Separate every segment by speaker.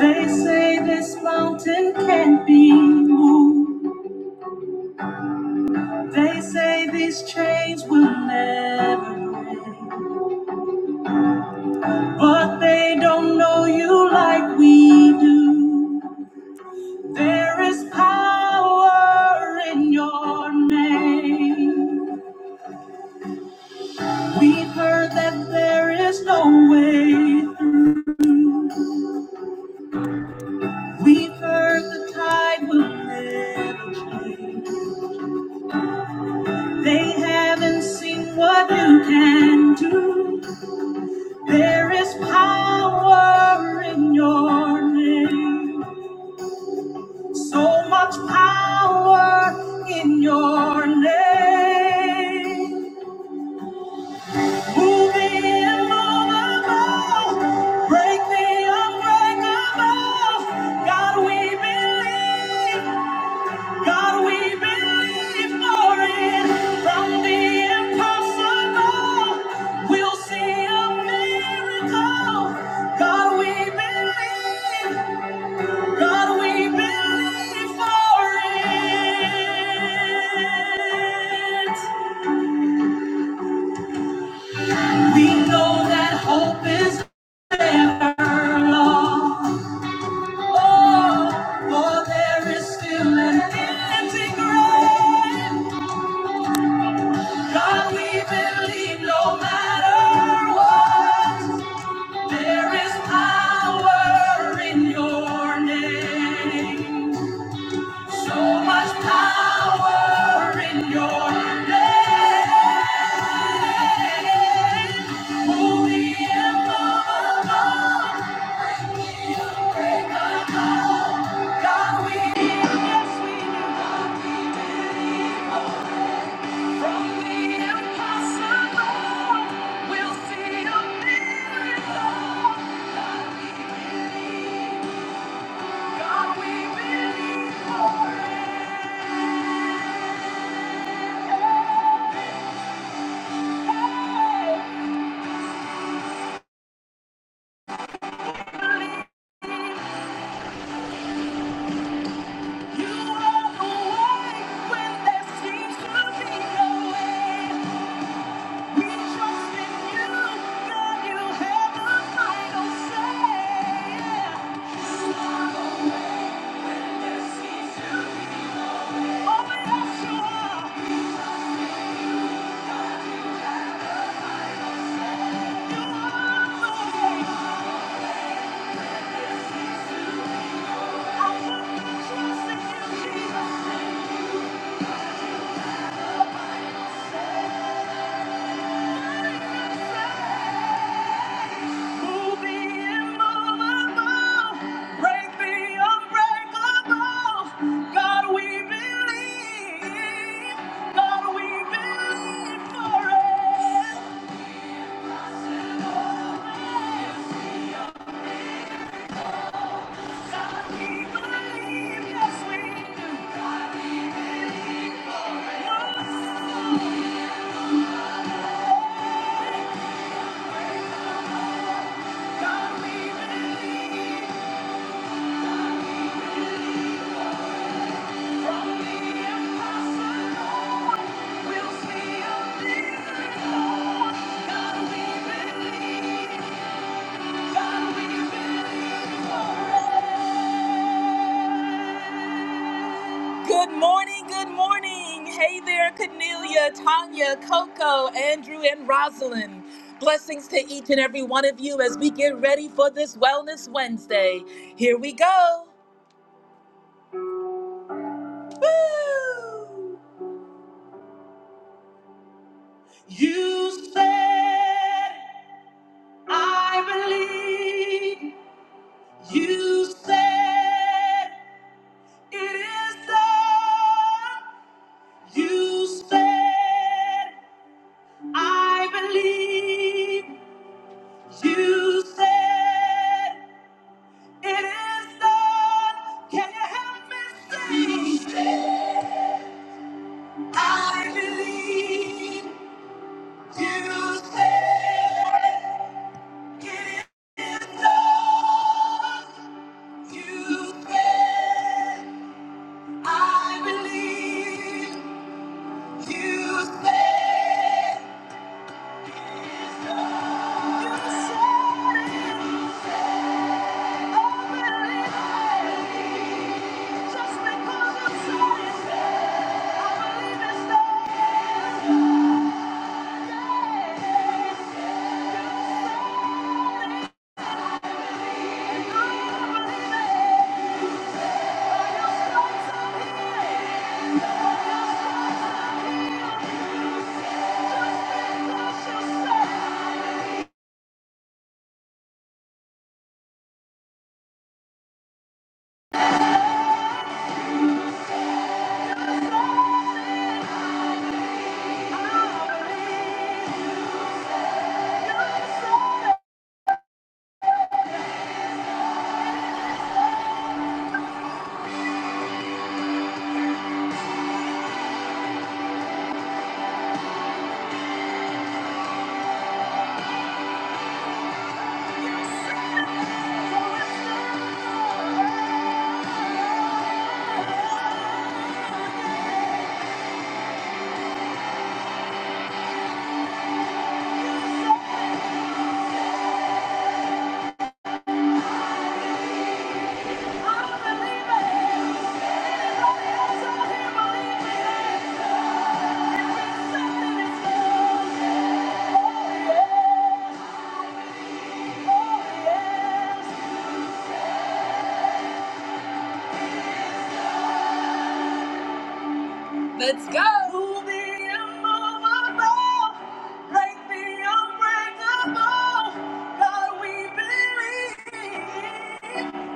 Speaker 1: They say this mountain can't be moved. They say these chains will never break. But they don't know you like we do. There is power in your name. We've heard that there is no way through. We've heard the tide will never change. They haven't seen what you can do. There is power in your name. So much power in your name. Move the immovable. Break the unbreakable. God, we believe. God, we believe for it. From the impossible, we'll see a miracle. God, we believe. God, we believe for it. We know that hope is never lost. Oh, for there is still an empty grave. God, we believe no matter what, there is power in your name. So much power in your name. Move the immovable. break the unbreakable. God, we yes, we do. God, we believe. Yeah. Yes, we do. Good morning, good morning. Hey there, Cornelia, Tanya, Coco, Andrew, and Rosalind. Blessings to each and every one of you as we get ready for this Wellness Wednesday. Here we go. Woo! You said, I believe. You said, it is done. You said, I believe. You said, it is done. Can you help me sing? You said, I believe. You said, it is done. You said, I believe. You said, you said it. I believe. Just because you said it, I believe it starts up here. Oh, yeah. yeah. Let's go. Move the immovable. Break the unbreakable. God, we believe.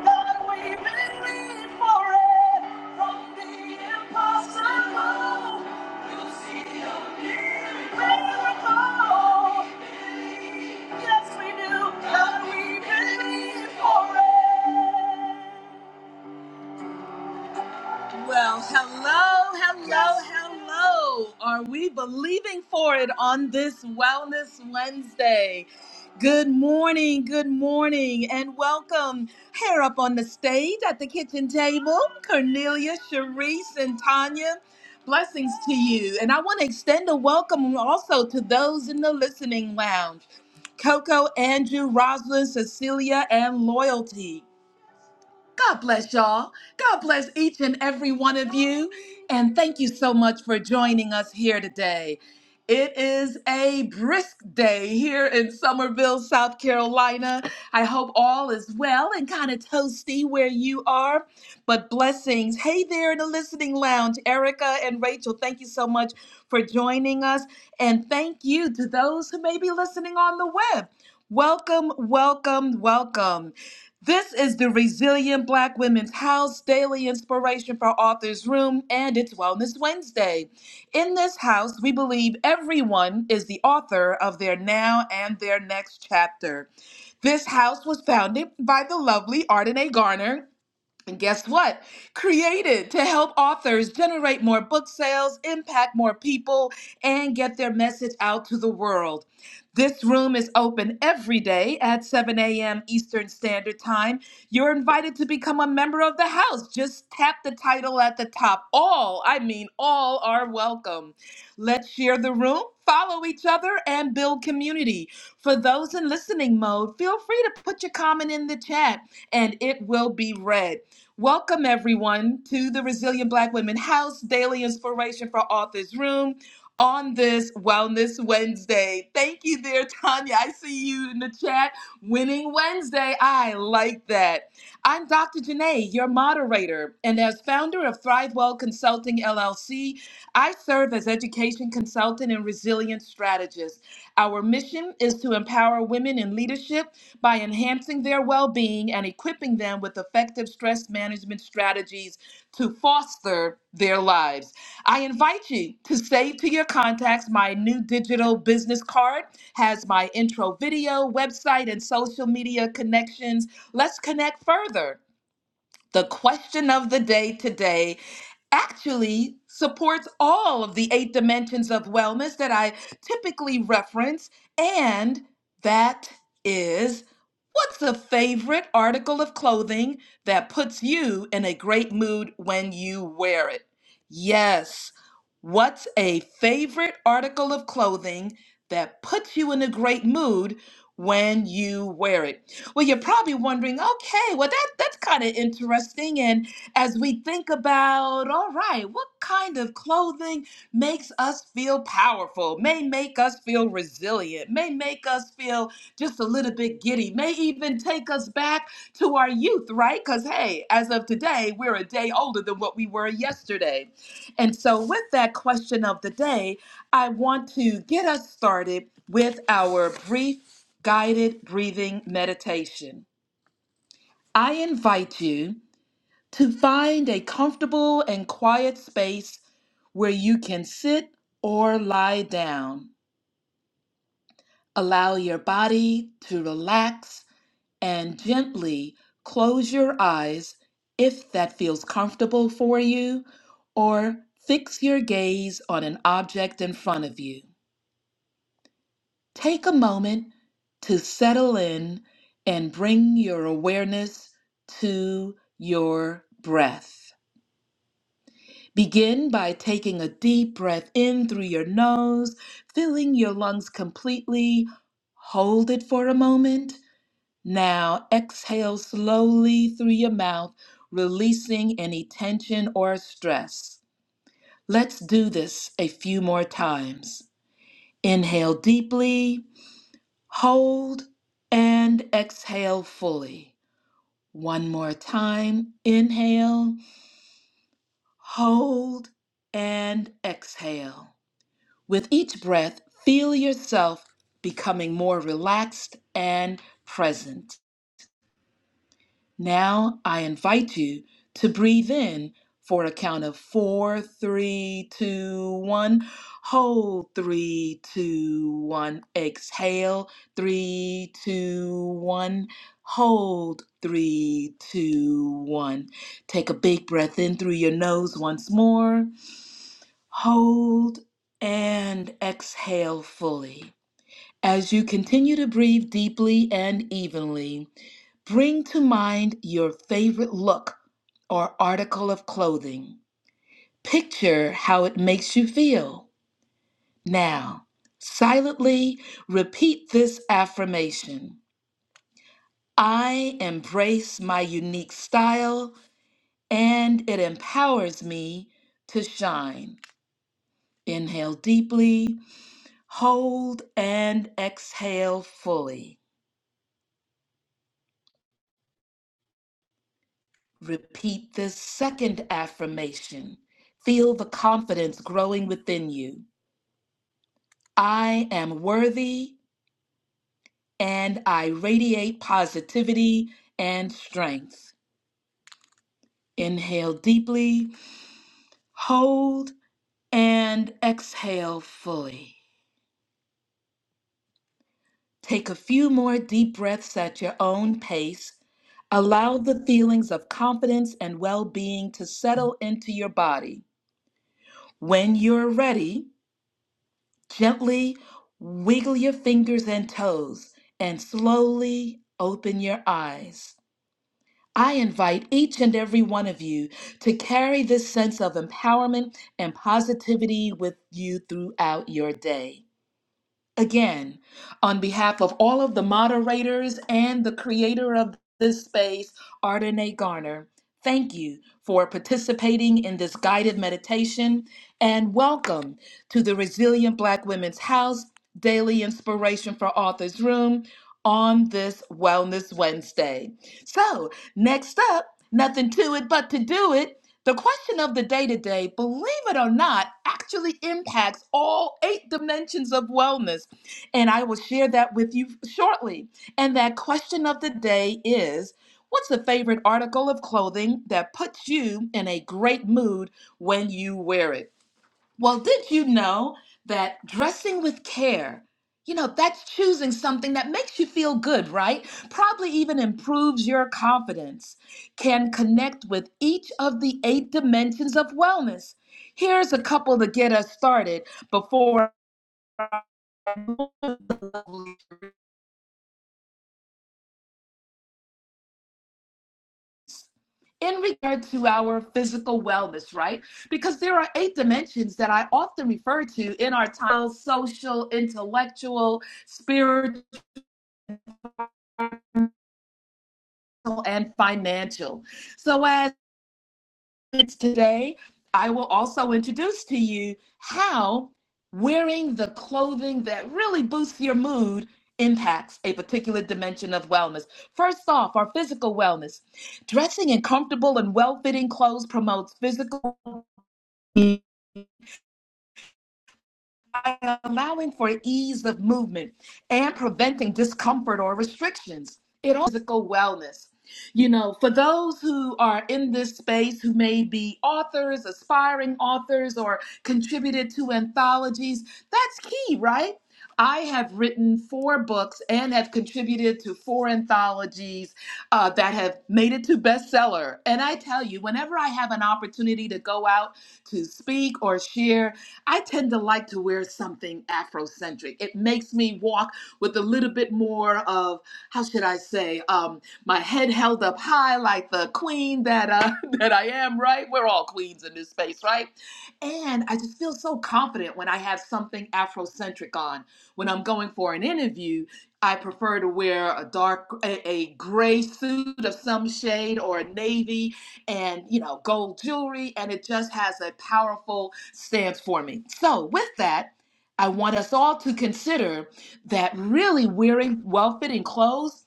Speaker 1: God, we believe for it. From the impossible, you'll see a miracle. Yes, we do. God, we believe for it. Well, hello, hello, hello. Are we believing for it on this Wellness Wednesday? Good morning, good morning, and welcome here up on the stage at the kitchen table, Cornelia, Sharice, and Tanya. Blessings to you. And I want to extend a welcome also to those in the listening lounge Coco, Andrew, Rosalind, Cecilia, and Loyalty. God bless y'all. God bless each and every one of you. And thank you so much for joining us here today. It is a brisk day here in Summerville, South Carolina. I hope all is well and kind of toasty where you are, but blessings. Hey there in the listening lounge, Erica and Rachel, thank you so much for joining us. And thank you to those who may be listening on the web. Welcome, welcome, welcome. This is the Resilient Black Women's House Daily Inspiration for Authors Room, and it's Wellness Wednesday. In this house, we believe everyone is the author of their now and their next chapter. This house was founded by the lovely Ardenae Garner and guess what? Created to help authors generate more book sales, impact more people, and get their message out to the world. This room is open every day at 7 a.m. Eastern Standard Time. You're invited to become a member of the house. Just tap the title at the top. All, I mean, all are welcome. Let's share the room, follow each other, and build community. For those in listening mode, feel free to put your comment in the chat and it will be read. Welcome, everyone, to the Resilient Black Women House Daily Inspiration for Authors Room on this Wellness Wednesday. Thank you, there, Tanya. I see you in the chat. Winning Wednesday. I like that. I'm Dr. Janae, your moderator, and as founder of ThriveWell Consulting LLC, I serve as education consultant and resilience strategist. Our mission is to empower women in leadership by enhancing their well being and equipping them with effective stress management strategies to foster their lives. I invite you to save to your contacts my new digital business card, has my intro video, website, and social media connections. Let's connect further. The question of the day today actually supports all of the eight dimensions of wellness that I typically reference, and that is what's a favorite article of clothing that puts you in a great mood when you wear it? Yes, what's a favorite article of clothing that puts you in a great mood when you wear it? Well, you're probably wondering, okay, well that that's kind of interesting. And as we think about, all right, what kind of clothing makes us feel powerful, may make us feel resilient, may make us feel just a little bit giddy, may even take us back to our youth, right? Because hey, as of today, we're a day older than what we were yesterday. And so, with that question of the day, I want to get us started with our brief guided breathing meditation. I invite you to find a comfortable and quiet space where you can sit or lie down. Allow your body to relax and gently close your eyes if that feels comfortable for you, or fix your gaze on an object in front of you. Take a moment to settle in and bring your awareness to your breath. Begin by taking a deep breath in through your nose, filling your lungs completely. Hold it for a moment Now exhale slowly through your mouth, releasing any tension or stress. Let's do this a few more times. Inhale deeply, hold, and exhale fully. One more time. Inhale, hold, and exhale. With each breath, feel yourself becoming more relaxed and present. Now I invite you to breathe in for a count of four, three, two, one. Hold three, two, one. Exhale three, two, one. Hold three, two, one. Take a big breath in through your nose once more. Hold and exhale fully. As you continue to breathe deeply and evenly, bring to mind your favorite look or article of clothing. Picture how it makes you feel. Now, silently repeat this affirmation I embrace my unique style and it empowers me to shine. Inhale deeply, hold, and exhale fully. Repeat this second affirmation. Feel the confidence growing within you. I am worthy and I radiate positivity and strength. Inhale deeply, hold, and exhale fully. Take a few more deep breaths at your own pace. Allow the feelings of confidence and well being to settle into your body. When you're ready, Gently wiggle your fingers and toes and slowly open your eyes. I invite each and every one of you to carry this sense of empowerment and positivity with you throughout your day again on behalf of all of the moderators and the creator of this space, Ardenae Garner. Thank you for participating in this guided meditation and welcome to the Resilient Black Women's House Daily Inspiration for Authors Room on this Wellness Wednesday. So, next up, nothing to it but to do it. The question of the day today, believe it or not, actually impacts all eight dimensions of wellness and I will share that with you shortly. And that question of the day is What's the favorite article of clothing that puts you in a great mood when you wear it? Well, did you know that dressing with care? You know, that's choosing something that makes you feel good, right? Probably even improves your confidence. Can connect with each of the eight dimensions of wellness. Here's a couple to get us started before in regard to our physical wellness, right? Because there are eight dimensions that I often refer to in our title social, intellectual, spiritual, and financial. So, as it's today, I will also introduce to you how wearing the clothing that really boosts your mood impacts a particular dimension of wellness. First off, our physical wellness. Dressing in comfortable and well fitting clothes promotes physical. by allowing for ease of movement and preventing discomfort or restrictions. It also physical wellness. You know, for those who are in this space who may be authors, aspiring authors, or contributed to anthologies, that's key, right? I have written four books and have contributed to four anthologies uh, that have made it to bestseller. And I tell you, whenever I have an opportunity to go out to speak or share, I tend to like to wear something Afrocentric. It makes me walk with a little bit more of, how should I say, um, my head held up high like the queen that uh, that I am, right? We're all queens in this space, right? And I just feel so confident when I have something Afrocentric on. When I'm going for an interview, I prefer to wear a dark, a, a gray suit of some shade or a navy and you know gold jewelry and it just has a powerful stance for me so with that i want us all to consider that really wearing well-fitting clothes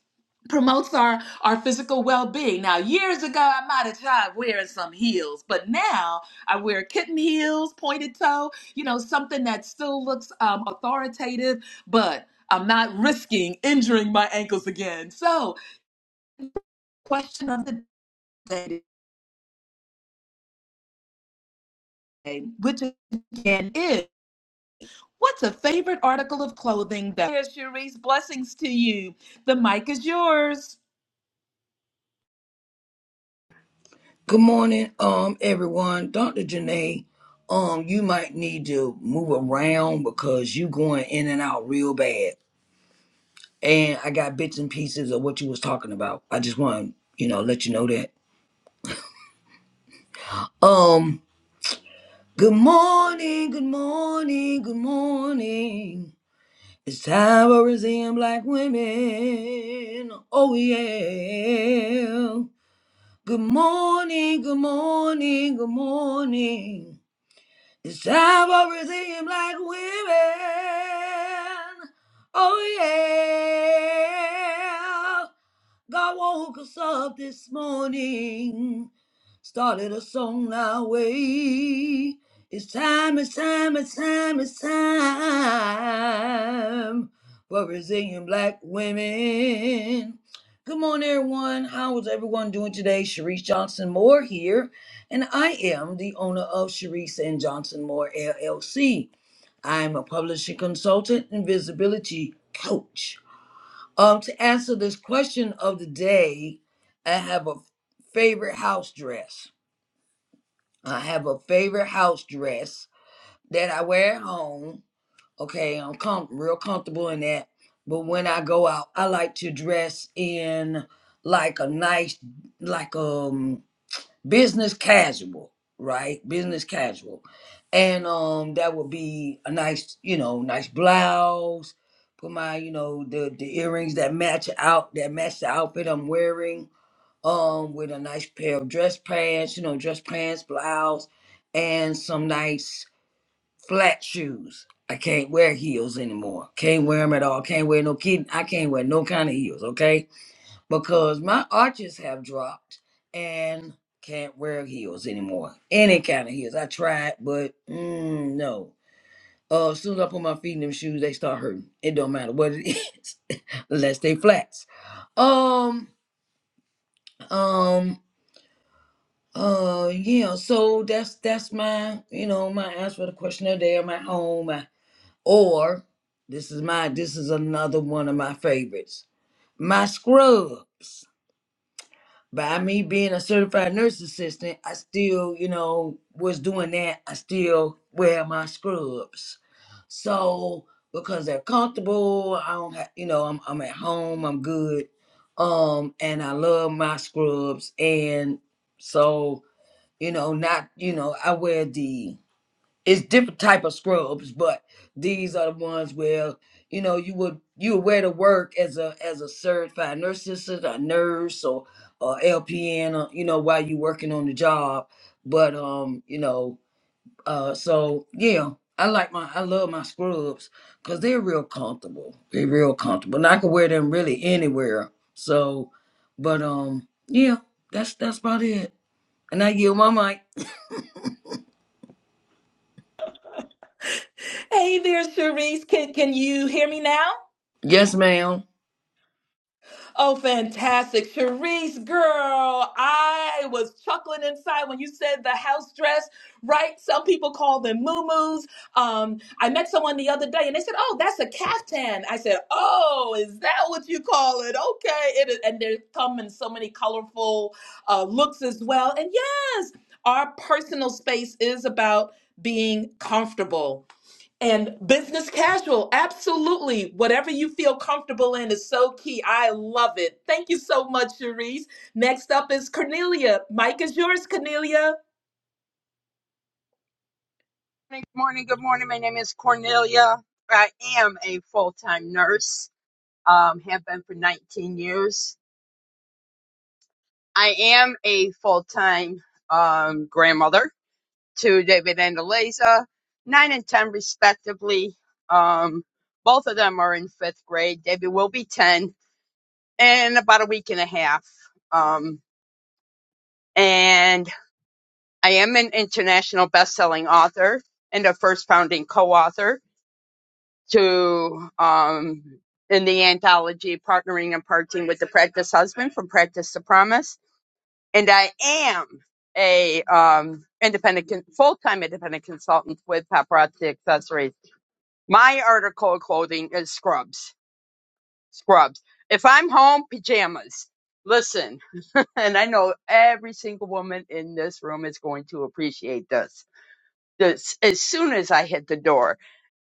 Speaker 1: promotes our our physical well-being now years ago i might have tried wearing some heels but now i wear kitten heels pointed toe you know something that still looks um, authoritative but i'm not risking injuring my ankles again so question of the day which again is what's a favorite article of clothing that There's Cherise, blessings to you. The mic is yours.
Speaker 2: Good morning, um, everyone. Dr. Janae, um, you might need to move around because you going in and out real bad. And I got bits and pieces of what you was talking about. I just want to, you know let you know that. Um, good morning, good morning, good morning. It's time for Brazilian black women. Oh yeah. Good morning, good morning, good morning. It's time for redeem black women. Oh yeah. God woke us up this morning. Started a song our way. It's time, it's time, it's time, it's time for Brazilian black women. Good morning, everyone. How is everyone doing today? Sharice Johnson Moore here and I am the owner of Sharice and Johnson Moore LLC. I am a publishing consultant and visibility coach. Um, to answer this question of the day, I have a favorite house dress. I have a favorite house dress that I wear at home. Okay, I'm com- real comfortable in that. But when I go out, I like to dress in like a nice, like um business casual, right? Business casual. And um that would be a nice, you know, nice blouse, put my, you know, the the earrings that match out that match the outfit I'm wearing, um, with a nice pair of dress pants, you know, dress pants, blouse, and some nice flat shoes. I can't wear heels anymore. Can't wear them at all. Can't wear no kid. I can't wear no kind of heels. Okay because my arches have dropped and can't wear heels anymore. Any kind of heels. I tried, but mm, no. Uh, as soon as I put my feet in them shoes, they start hurting. It don't matter what it is, unless they flats. Um, um, uh, yeah. So that's that's my you know my answer for the question of the day. My home, my, or this is my this is another one of my favorites. My scrubs. by me being a certified nurse assistant, I still, you know, was doing that. I still wear my scrubs. So because they're comfortable, I don't have, you know, I'm I'm at home, I'm good. Um, and I love my scrubs. And so, you know, not, you know, I wear the it's different type of scrubs, but these are the ones where you know you would you would wear to work as a as a certified nurse assistant, a nurse, or or LPN, or, you know, while you working on the job. But um, you know, uh, so yeah, I like my I love my scrubs because they're real comfortable. They're real comfortable, and I can wear them really anywhere. So, but um, yeah, that's that's about it. And I yield my mic.
Speaker 1: Hey there, Cherise. Can can you hear me now?
Speaker 2: Yes, ma'am.
Speaker 1: Oh, fantastic. Sharice, girl, I was chuckling inside when you said the house dress, right? Some people call them muumuus. Um, I met someone the other day and they said, oh, that's a caftan. I said, oh, is that what you call it? Okay. It is, and they come in so many colorful uh, looks as well. And yes, our personal space is about being comfortable and business casual absolutely whatever you feel comfortable in is so key i love it thank you so much cherise next up is cornelia mike is yours cornelia
Speaker 3: good morning, good morning. My name is Cornelia. I am a full-time nurse. Um, have been for 19 years. I am a full-time um, grandmother to David and Eliza, nine and ten respectively. Um, both of them are in fifth grade. David will be 10 in about a week and a half. Um, and I am an international best-selling author and a first founding co-author to um in the anthology partnering and parting with the practice husband from practice to promise and i am a um independent con- full-time independent consultant with paparazzi accessories my article of clothing is scrubs scrubs if i'm home pajamas listen and i know every single woman in this room is going to appreciate this this as soon as i hit the door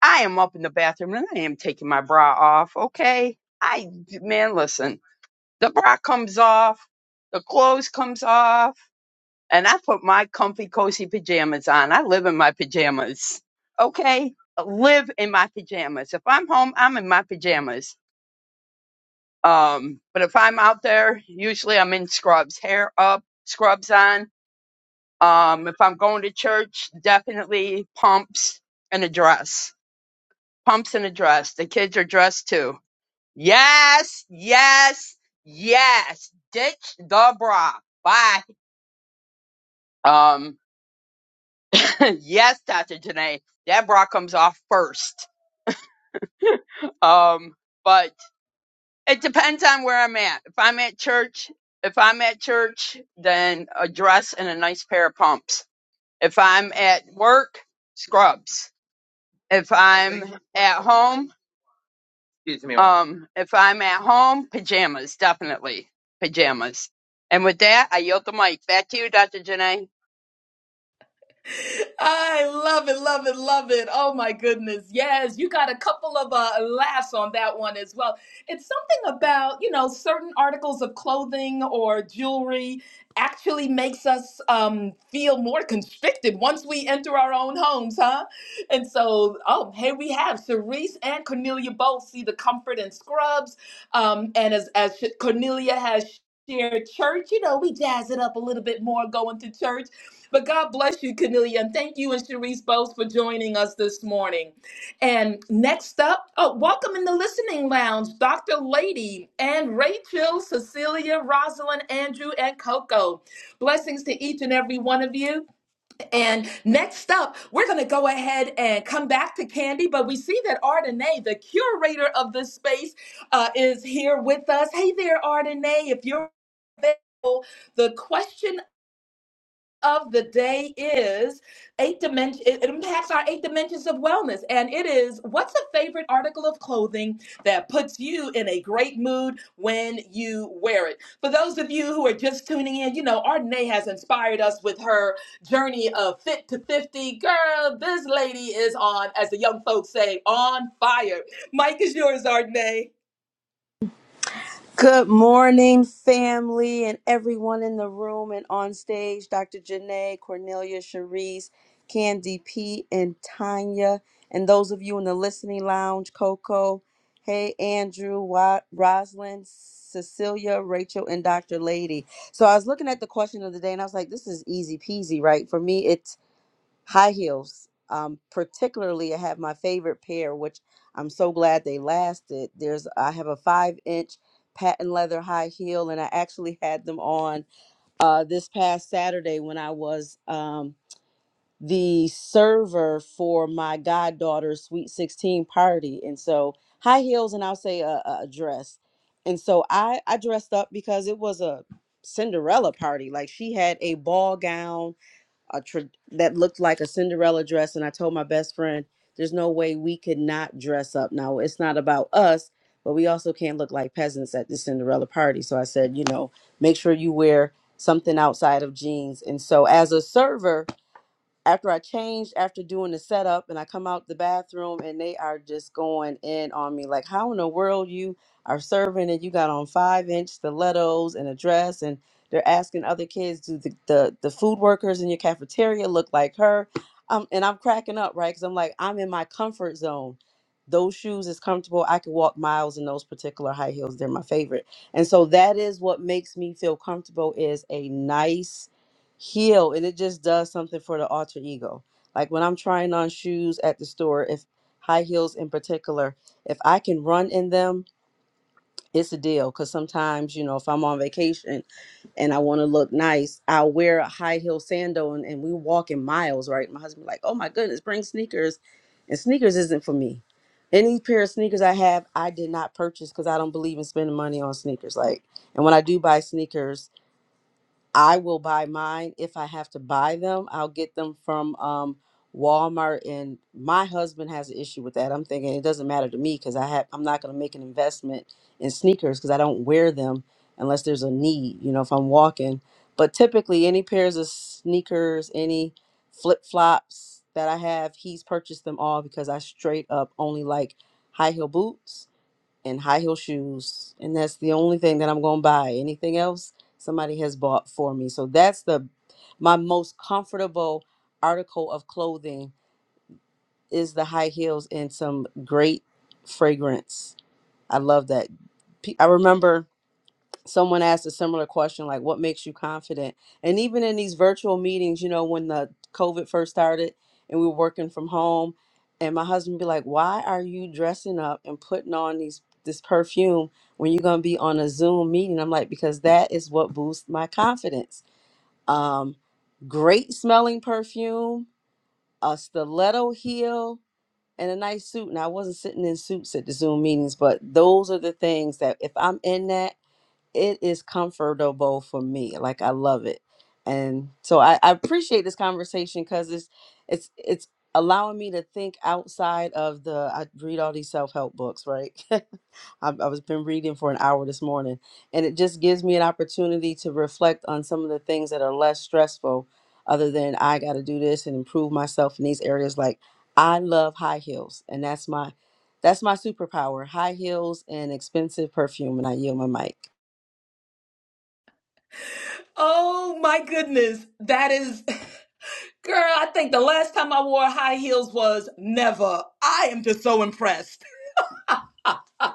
Speaker 3: I am up in the bathroom and I am taking my bra off, okay? I man, listen, the bra comes off, the clothes comes off, and I put my comfy cozy pajamas on. I live in my pajamas. Okay? Live in my pajamas. If I'm home, I'm in my pajamas. Um, but if I'm out there, usually I'm in scrubs, hair up, scrubs on. Um, if I'm going to church, definitely pumps and a dress. Pumps and a dress. The kids are dressed too Yes, yes, yes. Ditch the bra. Bye. Um, yes, Dr. Janae, that bra comes off first. Um, but it depends on where I'm at. If I'm at church, if I'm at church, then a dress and a nice pair of pumps. If I'm at work, scrubs. If I'm at home, Excuse me. Um, if I'm at home, pajamas, definitely pajamas. And with that, I yield the mic back to you, Dr. Janae.
Speaker 1: I love it, love it, love it. Oh my goodness. Yes, you got a couple of uh, laughs on that one as well. It's something about, you know, certain articles of clothing or jewelry actually makes us um, feel more constricted once we enter our own homes, huh? And so, oh, here we have Cerise and Cornelia both see the comfort in scrubs. Um, and as, as Cornelia has shared church, you know, we jazz it up a little bit more going to church. But God bless you, Cornelia. And thank you and Sharice both for joining us this morning. And next up, oh, welcome in the listening lounge, Dr. Lady and Rachel, Cecilia, Rosalind, Andrew, and Coco. Blessings to each and every one of you. And next up, we're going to go ahead and come back to Candy, but we see that Ardenae, the curator of this space, uh, is here with us. Hey there, Ardenae, if you're available, the question of the day is eight dimension it impacts our eight dimensions of wellness and it is what's a favorite article of clothing that puts you in a great mood when you wear it for those of you who are just tuning in you know Ardenae has inspired us with her journey of fit to 50 girl this lady is on as the young folks say on fire mike is yours Ardenae
Speaker 4: Good morning, family, and everyone in the room and on stage. Dr. Janae, Cornelia, Cherise, Candy P, and Tanya. And those of you in the listening lounge, Coco, hey, Andrew, Wa- Rosalind, Cecilia, Rachel, and Dr. Lady. So I was looking at the question of the day and I was like, this is easy peasy, right? For me, high heels. Um, particularly, I have my favorite pair, which I'm so glad they lasted. There's I have a five inch patent leather high heel, and I actually had them on uh, this past Saturday when I was um, the server for my goddaughter's sweet 16 party. And so high heels, and I'll say a, a a dress. And so I I dressed up because it was a Cinderella party. Like she had a ball gown a tra- that looked like a Cinderella dress, and I told my best friend, "There's no way we could not dress up. Now it's not about us, but we also can't look like peasants at the Cinderella party." So I said, you know, make sure you wear something outside of jeans. And so as a server, after I changed after doing the setup and I come out the bathroom and they are just going in on me like how in the world you are serving and you got on five inch stilettos and a dress and they're asking other kids do the, the, the food workers in your cafeteria look like her um, and I'm cracking up right because I'm like I'm in my comfort zone those shoes is comfortable I could walk miles in those particular high heels they're my favorite and so that is what makes me feel comfortable is a nice heal and it just does something for the alter ego like when i'm trying on shoes at the store if high heels in particular if i can run in them it's a deal because sometimes you know if i'm on vacation and i want to look nice i'll wear a high heel sandal and, and we walk in miles right my husband be like oh my goodness bring sneakers and sneakers isn't for me any pair of sneakers i have i did not purchase because i don't believe in spending money on sneakers like and when i do buy sneakers I will buy mine if I have to buy them. I'll get them from um, Walmart, and my husband has an issue with that. I'm thinking it doesn't matter to me because I have I'm not going to make an investment in sneakers because I don't wear them unless there's a need. You know, if I'm walking. But typically, any pairs of sneakers, any flip flops that I have, he's purchased them all because I straight up only like high heel boots and high heel shoes. And that's the only thing that I'm going to buy. Anything else somebody has bought for me. So that's the my most comfortable article of clothing is the high heels and some great fragrance. I love that. Pe- I remember someone asked a similar question like what makes you confident and even in these virtual meetings you know when the covid first started and we were working from home and my husband be like why are you dressing up and putting on these this perfume when you're going to be on a zoom meeting i'm like because that is what boosts my confidence um great smelling perfume a stiletto heel and a nice suit and i wasn't sitting in suits at the zoom meetings but those are the things that if i'm in that it is comfortable for me. Like I love it. And so I, I appreciate this conversation because it's it's it's allowing me to think outside of the I read all these self-help books, right? I, I was been reading for an hour this morning. And it just gives me an opportunity to reflect on some of the things that are less stressful other than I gotta do this and improve myself in these areas. Like I love high heels and that's my that's my superpower, high heels and expensive perfume, and I yield my mic.
Speaker 1: oh my goodness that is Girl, I think the last time I wore high heels was never. I am just so impressed. I'm,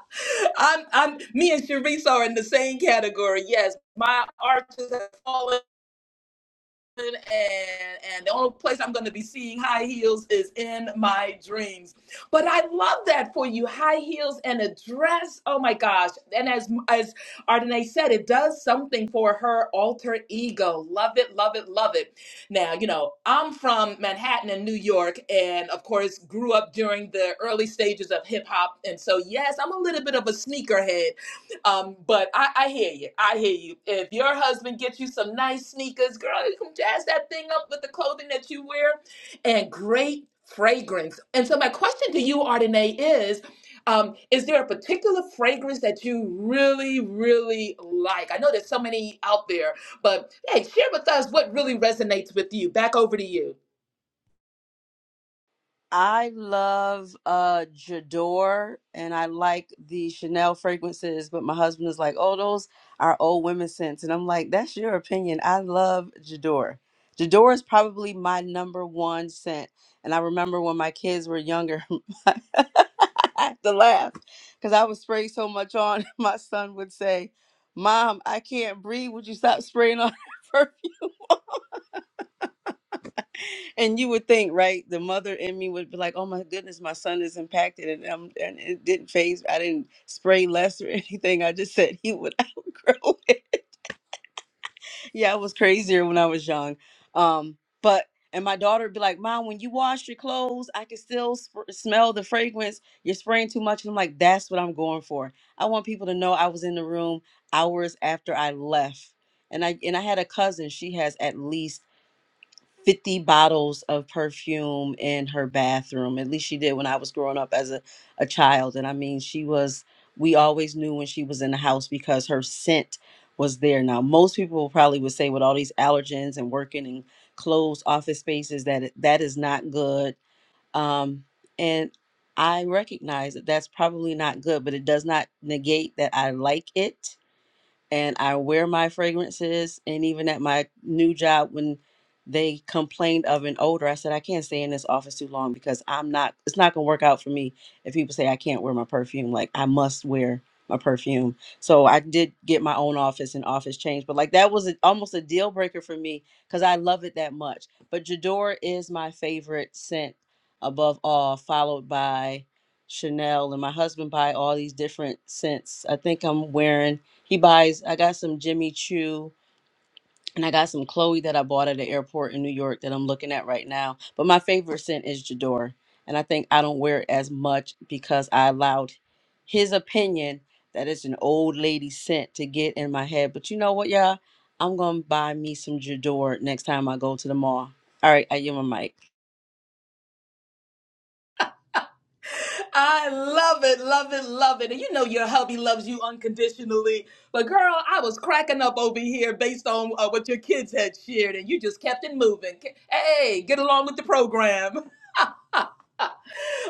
Speaker 1: I'm, me and Sharice are in the same category. Yes, my arches have fallen and and the only place I'm going to be seeing high heels is in my dreams. But I love that for you, high heels and a dress. Oh my gosh! And as as Ardenae said, it does something for her alter ego. Love it, love it, love it. Now you know I'm from Manhattan in New York, and of course grew up during the early stages of hip hop, and so yes, I'm a little bit of a sneakerhead um, but I, I hear you. I hear you. If your husband gets you some nice sneakers, girl, you can jazz that thing up with the clothing that you wear and great fragrance. And so my question to you, Ardenae, is um, is there a particular fragrance that you really, really like? I know there's so many out there, but hey, share with us what really resonates with you. Back over to you.
Speaker 4: I love uh J'adore and I like the Chanel fragrances, but my husband is like, oh, those are old women scents. And I'm like, that's your opinion. I love J'adore. J'adore is probably my number one scent. And I remember when my kids were younger, I have to laugh because I would spray so much on. My son would say, Mom, I can't breathe. Would you stop spraying on perfume?" And you would think, right? The mother in me would be like, "Oh my goodness, my son is impacted," and um, and it didn't phase. I didn't spray less or anything. I just said he would outgrow it. yeah, I was crazier when I was young. Um, but and my daughter would be like, "Mom, when you wash your clothes, I can still sp- smell the fragrance. You're spraying too much." And I'm like, "That's what I'm going for. I want people to know I was in the room hours after I left." And I and I had a cousin. She has at least 50 bottles of perfume in her bathroom. At least she did when I was growing up as a, a child. And I mean, she was, we always knew when she was in the house because her scent was there. Now, most people probably would say with all these allergens and working in closed office spaces that it- that is not good. Um, and I recognize that that's probably not good, but it does not negate that I like it and I wear my fragrances. And even at my new job, when they complained of an odor, I said, I can't stay in this office too long because I'm not, it's not going to work out for me if people say I can't wear my perfume. Like, I must wear my perfume. So I did get my own office and office change. But like, that was a, almost a deal breaker for me because I love it that much. But Jador is my favorite scent above all, followed by. Chanel and my husband buy all these different scents. I think I'm wearing he buys, I got some Jimmy Choo and I got some Chloe that I bought at the airport in New York that I'm looking at right now. But my favorite scent is J'adore, And I think I don't wear it as much because I allowed his opinion that it's an old lady scent to get in my head. But you know what, y'all? I'm going to buy me some J'adore next time I go to the mall. All right, I give my mic.
Speaker 1: I love it, love it, love it. And you know your hubby loves you unconditionally. But girl, I was cracking up over here based on uh, what your kids had shared, and you just kept it moving. Hey, get along with the program.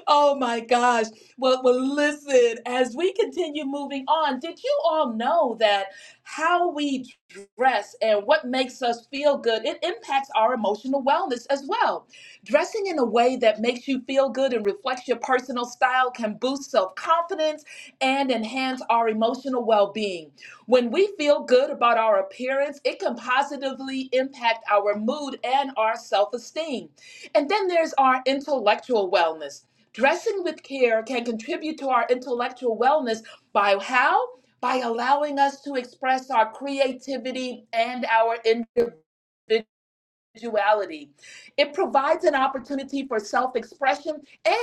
Speaker 1: oh my gosh. Well, well, listen, as we continue moving on, did you all know that how we dress and what makes us feel good, it impacts our emotional wellness as well. Dressing in a way that makes you feel good and reflects your personal style can boost self-confidence and enhance our emotional well-being. When we feel good about our appearance, it can positively impact our mood and our self-esteem. And then there's our intellectual wellness. Dressing with care can contribute to our intellectual wellness by how? By allowing us to express our creativity and our individuality individuality. It provides an opportunity for self expression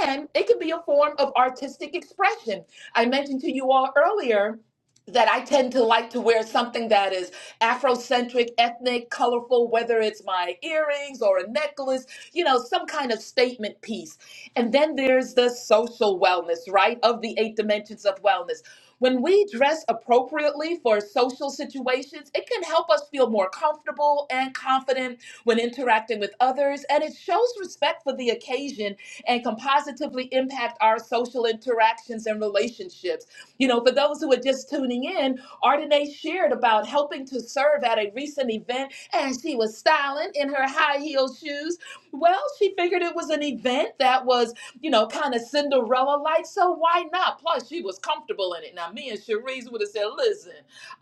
Speaker 1: and it can be a form of artistic expression. I mentioned to you all earlier that I tend to like to wear something that is Afrocentric, ethnic, colorful, whether it's my earrings or a necklace, you know, some kind of statement piece. And then there's the social wellness, right? Of the eight dimensions of wellness. When we dress appropriately for social situations, it can help us feel more comfortable and confident when interacting with others, and it shows respect for the occasion and can positively impact our social interactions and relationships. You know, for those who are just tuning in, Ardenae shared about helping to serve at a recent event and she was styling in her high heel shoes. Well, she figured it was an event that was, you know, kind of Cinderella like, so why not? Plus, she was comfortable in it. Now, me and Cherise would have said, listen,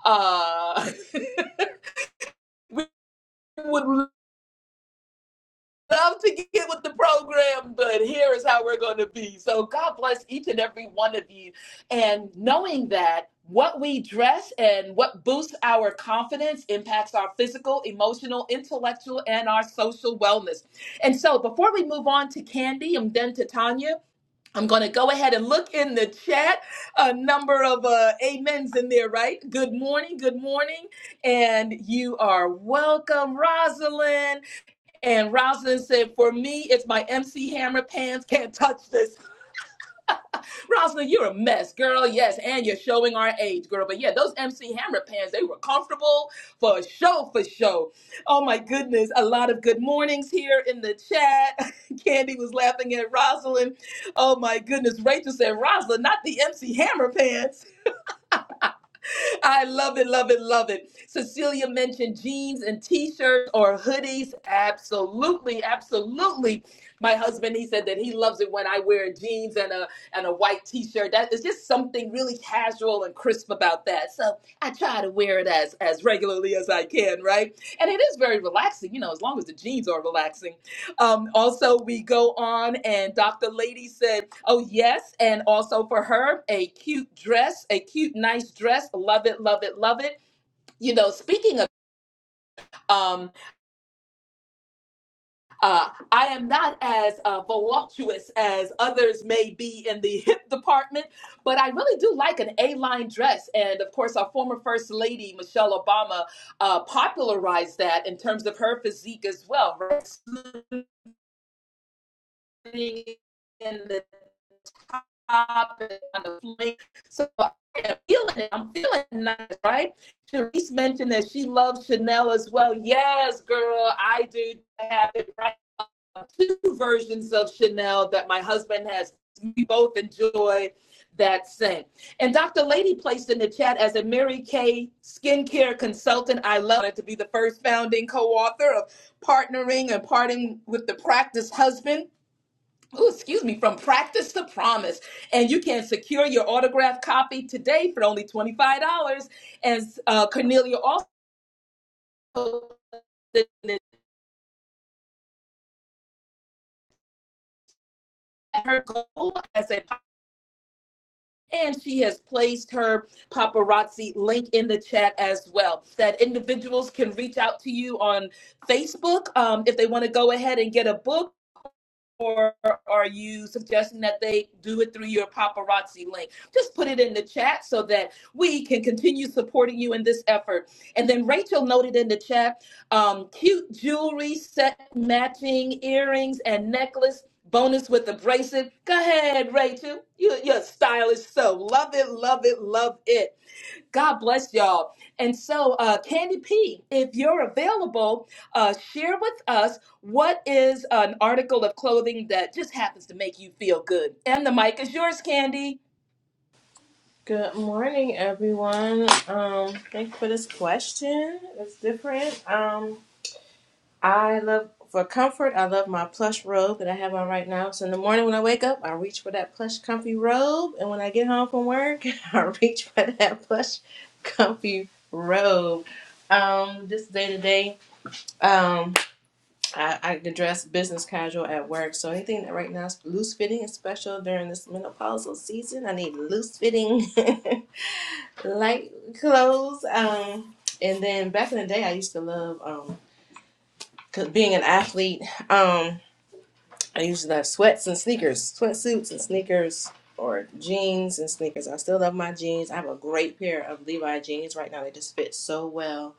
Speaker 1: uh, we would. love to get with the program, but here is how we're going to be. So God bless each and every one of you. And knowing that what we dress and what boosts our confidence impacts our physical, emotional, intellectual, and our social wellness. And so before we move on to Candy and then to Tanya, I'm going to go ahead and look in the chat. A number of uh, amens in there, right? Good morning, good morning. And you are welcome, Rosalind. And Rosalind said, For me, it's my MC Hammer pants. Can't touch this. Rosalind, you're a mess, girl. Yes. And you're showing our age, girl. But yeah, those MC Hammer pants, they were comfortable for show, for show. Oh my goodness. A lot of good mornings here in the chat. Candy was laughing at Rosalind. Oh my goodness. Rachel said, Rosalind, not the MC Hammer pants. I love it, love it, love it. Cecilia mentioned jeans and t-shirts or hoodies. Absolutely, absolutely. My husband, he said that he loves it when I wear jeans and a and a white t-shirt. That is just something really casual and crisp about that. So I try to wear it as as regularly as I can, right? And it is very relaxing, you know, as long as the jeans are relaxing. Um, also, we go on, and Dr. Lady said, Oh, yes. And also for her, a cute dress, a cute, nice dress. Love it, love it, love it. You know, speaking of, um, uh, I am not as uh, voluptuous as others may be in the hip department, but I really do like an A line dress. And of course, our former First Lady, Michelle Obama, uh, popularized that in terms of her physique as well. Right? in the top and on the flank. So I'm feeling it. I'm feeling nice, right? Therese mentioned that she loves Chanel as well. Yes, girl, I do have it right. now. Two versions of Chanel that my husband has. We both enjoy that scent. And Dr. Lady placed in the chat as a Mary Kay skincare consultant. I love it to be the first founding co-author of partnering and parting with the practice husband. Ooh, excuse me, from practice to promise. And you can secure your autographed copy today for only $25. And uh, Cornelia also her goal as a and she has placed her paparazzi link in the chat as well. That individuals can reach out to you on Facebook um, if they want to go ahead and get a book or are you suggesting that they do it through your paparazzi link? Just put it in the chat so that we can continue supporting you in this effort. And then Rachel noted in the chat um, cute jewelry, set matching earrings, and necklace. Bonus with the bracelet. Go ahead, Rachel. You, you're stylish, so love it, love it, love it. God bless y'all. And so, uh, Candy P, if you're available, uh, share with us what is an article of clothing that just happens to make you feel good. And the mic is yours, Candy.
Speaker 5: Good morning, everyone. Um, thanks for this question. It's different. Um, I love for comfort. I love my plush robe that I have on right now. So in the morning when I wake up, I reach for that plush, comfy robe, and when I get home from work, I reach for that plush, comfy robe. Um, just day to day. Um, I, I can dress business casual at work. So anything that right now is loose fitting is special during this menopausal season. I need loose fitting. light clothes. Um, and then back in the day, I used to love um, 'cause being an athlete. Um, I used to love sweats and sneakers, sweatsuits and sneakers, or jeans and sneakers. I still love my jeans. I have a great pair of Levi jeans right now. They just fit so well.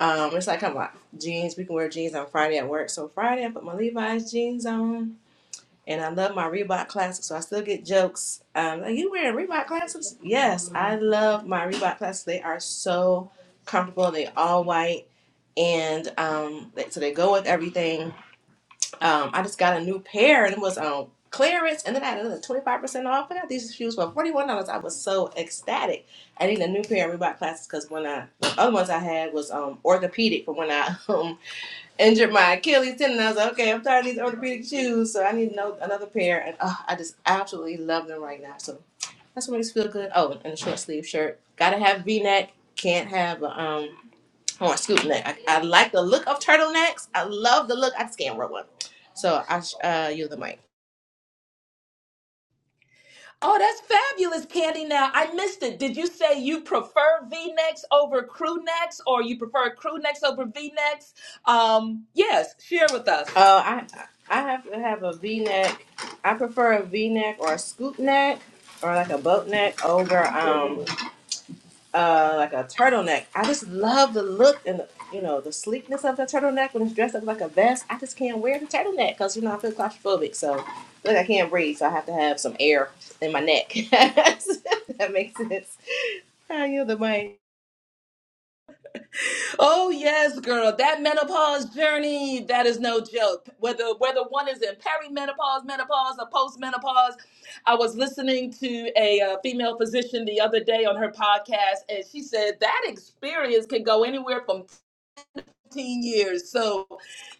Speaker 5: Um, it's like come on, jeans. We can wear jeans on Friday at work. So Friday, I put my Levi's jeans on and I love my Reebok classics, so I still get jokes. Um, are you wearing Reebok classics? Yes, I love my Reebok classics. They are so comfortable. They all white, and um, they, so they go with everything. Um, I just got a new pair, and it was on clearance, and then I had another twenty five percent off. I got these shoes for forty one dollars. I was so ecstatic. I need a new pair of Reebok classics because when I the other ones I had was um orthopedic for when I injured my Achilles tendon. I was like, okay, I'm tired of these orthopedic shoes, so I need no, another pair. And oh, I just absolutely love them right now. So that's what makes me feel good. Oh, and a short sleeve shirt. Gotta have V neck. Can't have a, um. I want scoop neck. I, I like the look of turtlenecks. I love the look. I just can't wear one. So I sh- uh you the mic.
Speaker 1: Oh, that's fabulous, Candy. Now, I missed it. Did you say you prefer V necks over crew necks or you prefer crew necks over V necks? Um, yes, share with us.
Speaker 5: Uh, I I have to have a V neck. I prefer a V neck or a scoop neck or like a boat neck over um uh, like a turtleneck. I just love the look and the, you know the sleekness of the turtleneck when it's dressed up like a vest. I just can't wear the turtleneck because you know I feel claustrophobic. So look, I can't breathe, so I have to have some air in my neck. that makes sense. I yield the mic.
Speaker 1: Oh yes, girl. That menopause journey, that is no joke. Whether whether one is in perimenopause, menopause, or postmenopause, I was listening to a uh, female physician the other day on her podcast, and she said that experience can go anywhere from 15 years. So,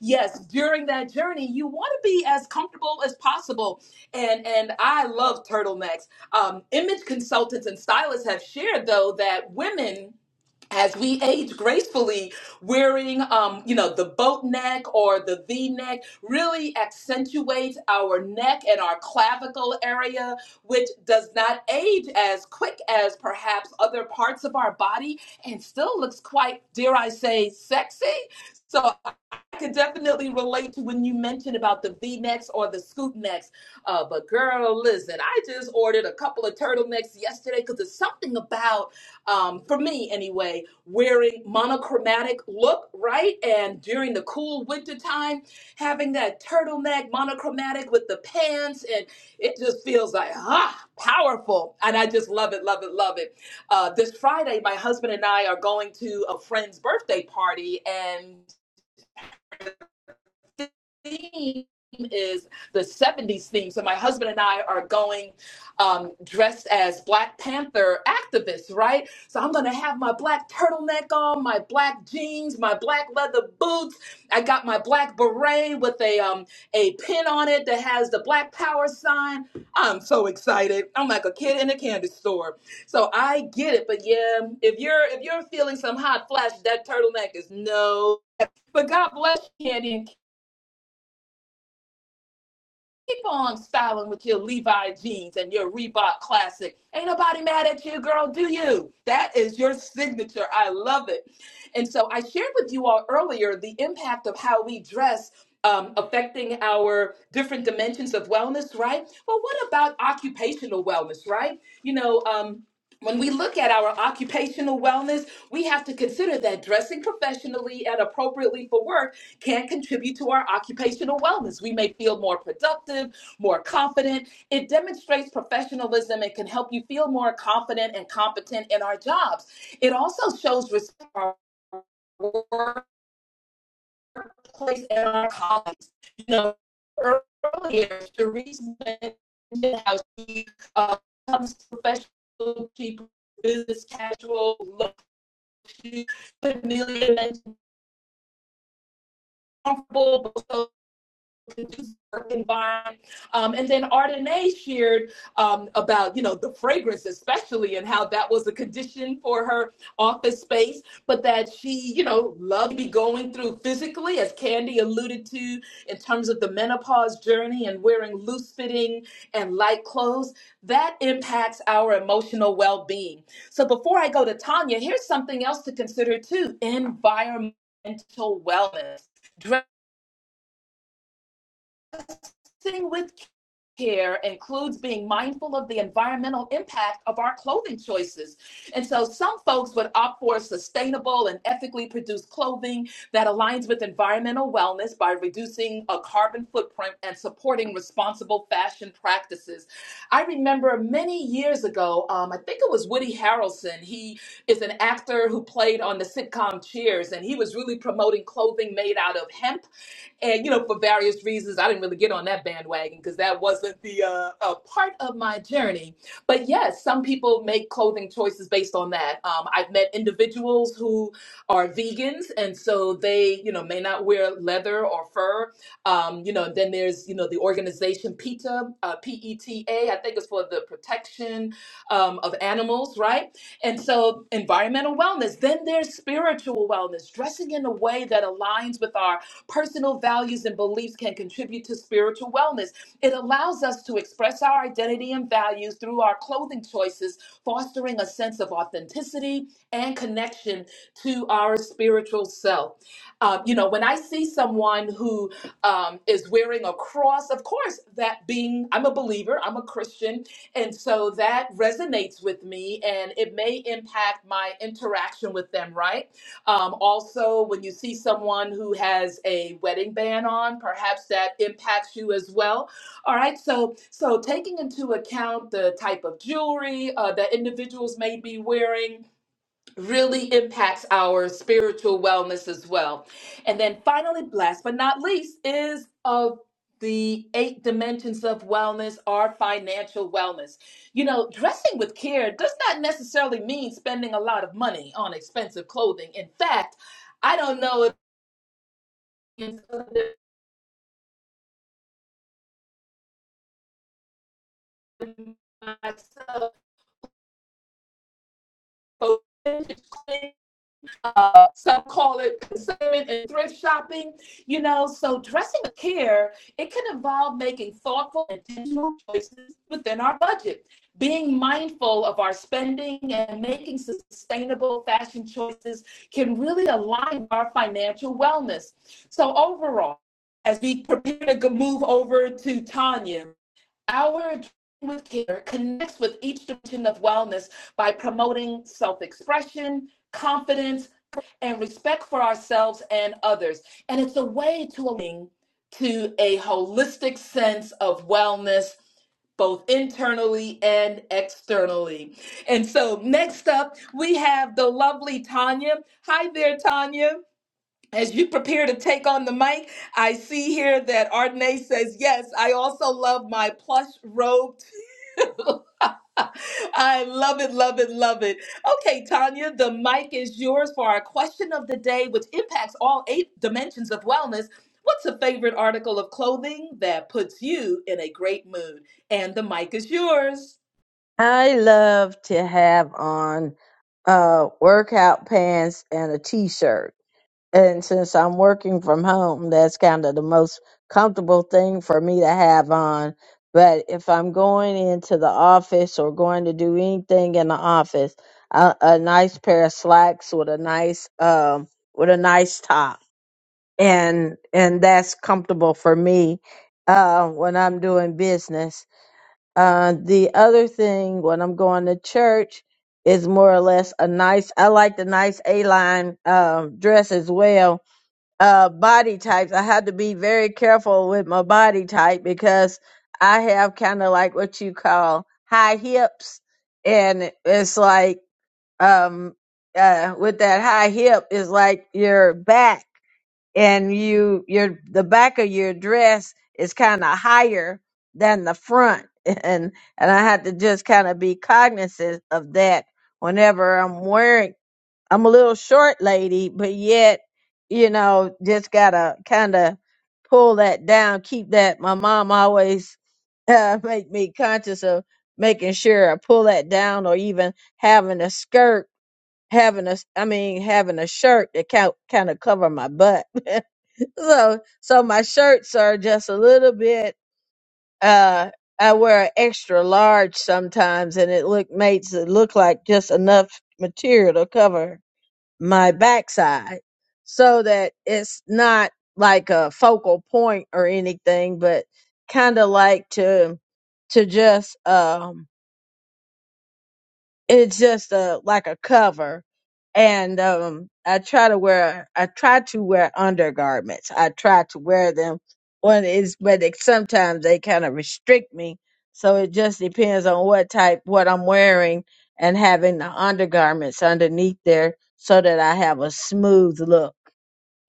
Speaker 1: yes, during that journey, you want to be as comfortable as possible. And and I love turtlenecks. Um, image consultants and stylists have shared though that women as we age gracefully, wearing um, you know the boat neck or the V neck really accentuates our neck and our clavicle area, which does not age as quick as perhaps other parts of our body, and still looks quite, dare I say, sexy. So I could definitely relate to when you mentioned about the V necks or the scoop necks. Uh, but girl, listen, I just ordered a couple of turtlenecks yesterday because there's something about, um, for me anyway, wearing monochromatic look, right? And during the cool winter time, having that turtleneck monochromatic with the pants, and it just feels like, ah, powerful. And I just love it, love it, love it. Uh, this Friday, my husband and I are going to a friend's birthday party, and theme is the 70s theme. So my husband and I are going um, dressed as Black Panther activists, right? So I'm going to have my black turtleneck on, my black jeans, my black leather boots. I got my black beret with a um, a pin on it that has the Black Power sign. I'm so excited. I'm like a kid in a candy store. So I get it, but yeah, if you're if you're feeling some hot flash, that turtleneck is no. But God bless you, Candy and Keep on styling with your Levi jeans and your Reebok classic. Ain't nobody mad at you, girl, do you? That is your signature. I love it. And so I shared with you all earlier the impact of how we dress um, affecting our different dimensions of wellness, right? Well, what about occupational wellness, right? You know, um, when we look at our occupational wellness, we have to consider that dressing professionally and appropriately for work can contribute to our occupational wellness. We may feel more productive, more confident. It demonstrates professionalism and can help you feel more confident and competent in our jobs. It also shows respect for our workplace and our colleagues. You know, earlier, Therese mentioned how she uh, comes professional, she business casual, look, she familiar and comfortable, but so work environment. Um, and then Ardenae shared um, about, you know, the fragrance especially and how that was a condition for her office space, but that she, you know, loved to be going through physically, as Candy alluded to, in terms of the menopause journey and wearing loose fitting and light clothes. That impacts our emotional well being. So before I go to Tanya, here's something else to consider too environmental wellness Dressing with care includes being mindful of the environmental impact of our clothing choices. And so some folks would opt for sustainable and ethically produced clothing that aligns with environmental wellness by reducing a carbon footprint and supporting responsible fashion practices. I remember many years ago, um, I think it was Woody Harrelson. He is an actor who played on the sitcom Cheers, and he was really promoting clothing made out of hemp and you know for various reasons i didn't really get on that bandwagon because that wasn't the uh, uh, part of my journey but yes some people make clothing choices based on that um, i've met individuals who are vegans and so they you know may not wear leather or fur um, you know then there's you know the organization peta uh, p-e-t-a i think it's for the protection um, of animals right and so environmental wellness then there's spiritual wellness dressing in a way that aligns with our Personal values and beliefs can contribute to spiritual wellness. It allows us to express our identity and values through our clothing choices, fostering a sense of authenticity and connection to our spiritual self. Um, you know, when I see someone who um, is wearing a cross, of course, that being, I'm a believer, I'm a Christian, and so that resonates with me and it may impact my interaction with them, right? Um, also, when you see someone who has a wedding band on, perhaps that impacts you as well. All right, so so taking into account the type of jewelry uh, that individuals may be wearing, really impacts our spiritual wellness as well. And then finally, last but not least, is of the eight dimensions of wellness our financial wellness. You know, dressing with care does not necessarily mean spending a lot of money on expensive clothing. In fact, I don't know if myself but Uh, some call it consignment and thrift shopping. You know, so dressing with care it can involve making thoughtful, intentional choices within our budget, being mindful of our spending, and making sustainable fashion choices can really align our financial wellness. So overall, as we prepare to move over to Tanya, our with care connects with each dimension of wellness by promoting self expression, confidence, and respect for ourselves and others. And it's a way to align to a holistic sense of wellness both internally and externally. And so next up, we have the lovely Tanya. Hi there, Tanya. As you prepare to take on the mic, I see here that Ardenae says, Yes, I also love my plush robe I love it, love it, love it. Okay, Tanya, the mic is yours for our question of the day, which impacts all eight dimensions of wellness. What's a favorite article of clothing that puts you in a great mood? And the mic is yours.
Speaker 6: I love to have on uh workout pants and a t-shirt. And since I'm working from home, that's kind of the most comfortable thing for me to have on. But if I'm going into the office or going to do anything in the office, a, a nice pair of slacks with a nice um with a nice top. And and that's comfortable for me uh when I'm doing business uh, the other thing when I'm going to church is more or less a nice. I like the nice A-line um, dress as well. Uh, body types. I have to be very careful with my body type because I have kind of like what you call high hips, and it's like um uh with that high hip is like your back and you your the back of your dress is kind of higher than the front and and I had to just kind of be cognizant of that whenever I'm wearing I'm a little short lady but yet you know just got to kind of pull that down keep that my mom always uh, make me conscious of making sure I pull that down or even having a skirt having a, I mean having a shirt that kind kind of cover my butt so so my shirts are just a little bit uh I wear a extra large sometimes and it look makes it look like just enough material to cover my backside so that it's not like a focal point or anything but kind of like to to just um it's just a like a cover and um i try to wear i try to wear undergarments i try to wear them when it's, but it, sometimes they kind of restrict me so it just depends on what type what i'm wearing and having the undergarments underneath there so that i have a smooth look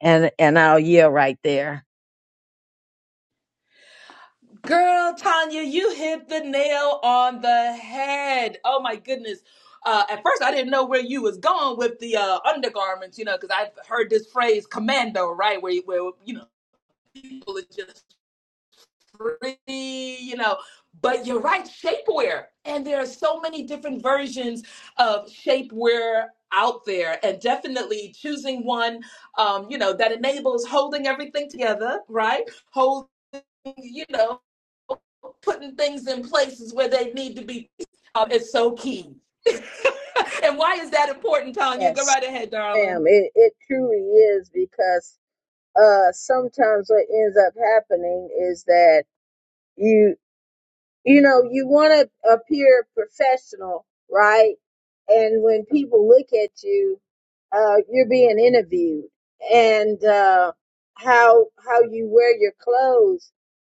Speaker 6: and and i'll yell right there
Speaker 1: Girl, Tanya, you hit the nail on the head. Oh my goodness. Uh, at first, I didn't know where you was going with the uh, undergarments, you know, because I've heard this phrase "commando," right? Where, you- where you know people are just free, you know. But you're right, shapewear. And there are so many different versions of shapewear out there. And definitely choosing one, um, you know, that enables holding everything together, right? Holding, you know, putting things in places where they need to be um, is so key. and why is that important, Tanya? Go
Speaker 6: yes
Speaker 1: right ahead,
Speaker 6: ma'am
Speaker 1: darling.
Speaker 6: it, it truly is because uh sometimes what ends up happening is that you you know, you want to appear professional, right? And when people look at you, uh, you're being interviewed, and uh, how how you wear your clothes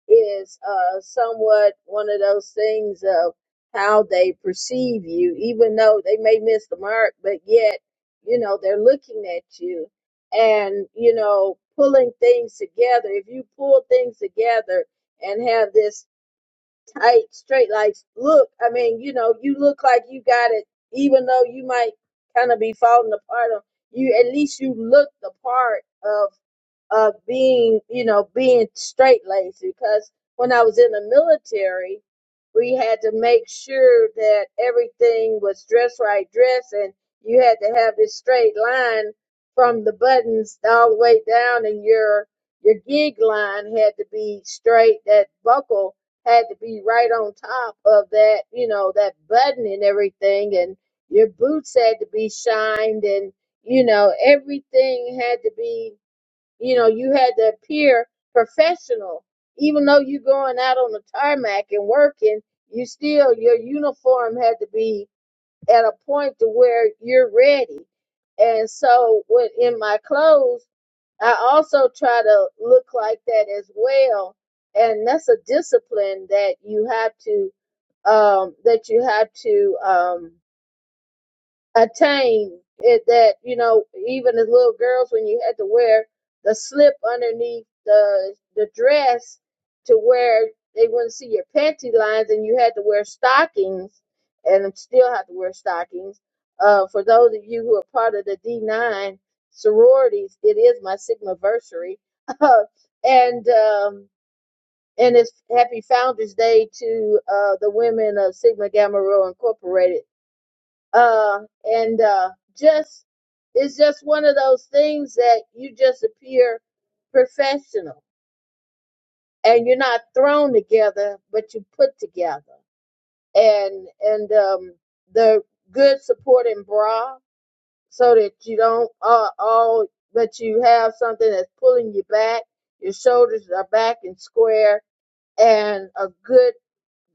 Speaker 6: is uh, somewhat one of those things of how they perceive you, even though they may miss the mark, but yet, you know, they're looking at you, and you know, pulling things together. If you pull things together and have this tight, straight. Like, look, I mean, you know, you look like you got it, even though you might kind of be falling apart. On you, at least you look the part of of being, you know, being straight laced because when I was in the military, we had to make sure that everything was dress right dress and you had to have this straight line from the buttons all the way down and your your gig line had to be straight, that buckle had to be right on top of that, you know, that button and everything and your boots had to be shined and you know, everything had to be you know, you had to appear professional. Even though you're going out on the tarmac and working, you still, your uniform had to be at a point to where you're ready. And so when in my clothes, I also try to look like that as well. And that's a discipline that you have to, um, that you have to, um, attain it that you know even as little girls when you had to wear the slip underneath the the dress to where they wouldn't see your panty lines and you had to wear stockings and still have to wear stockings uh for those of you who are part of the d9 sororities it is my sigma versary and um and it's happy founders day to uh the women of sigma gamma rho incorporated uh, and uh, just it's just one of those things that you just appear professional and you're not thrown together but you put together and and um, the good supporting bra so that you don't uh, all but you have something that's pulling you back your shoulders are back and square and a good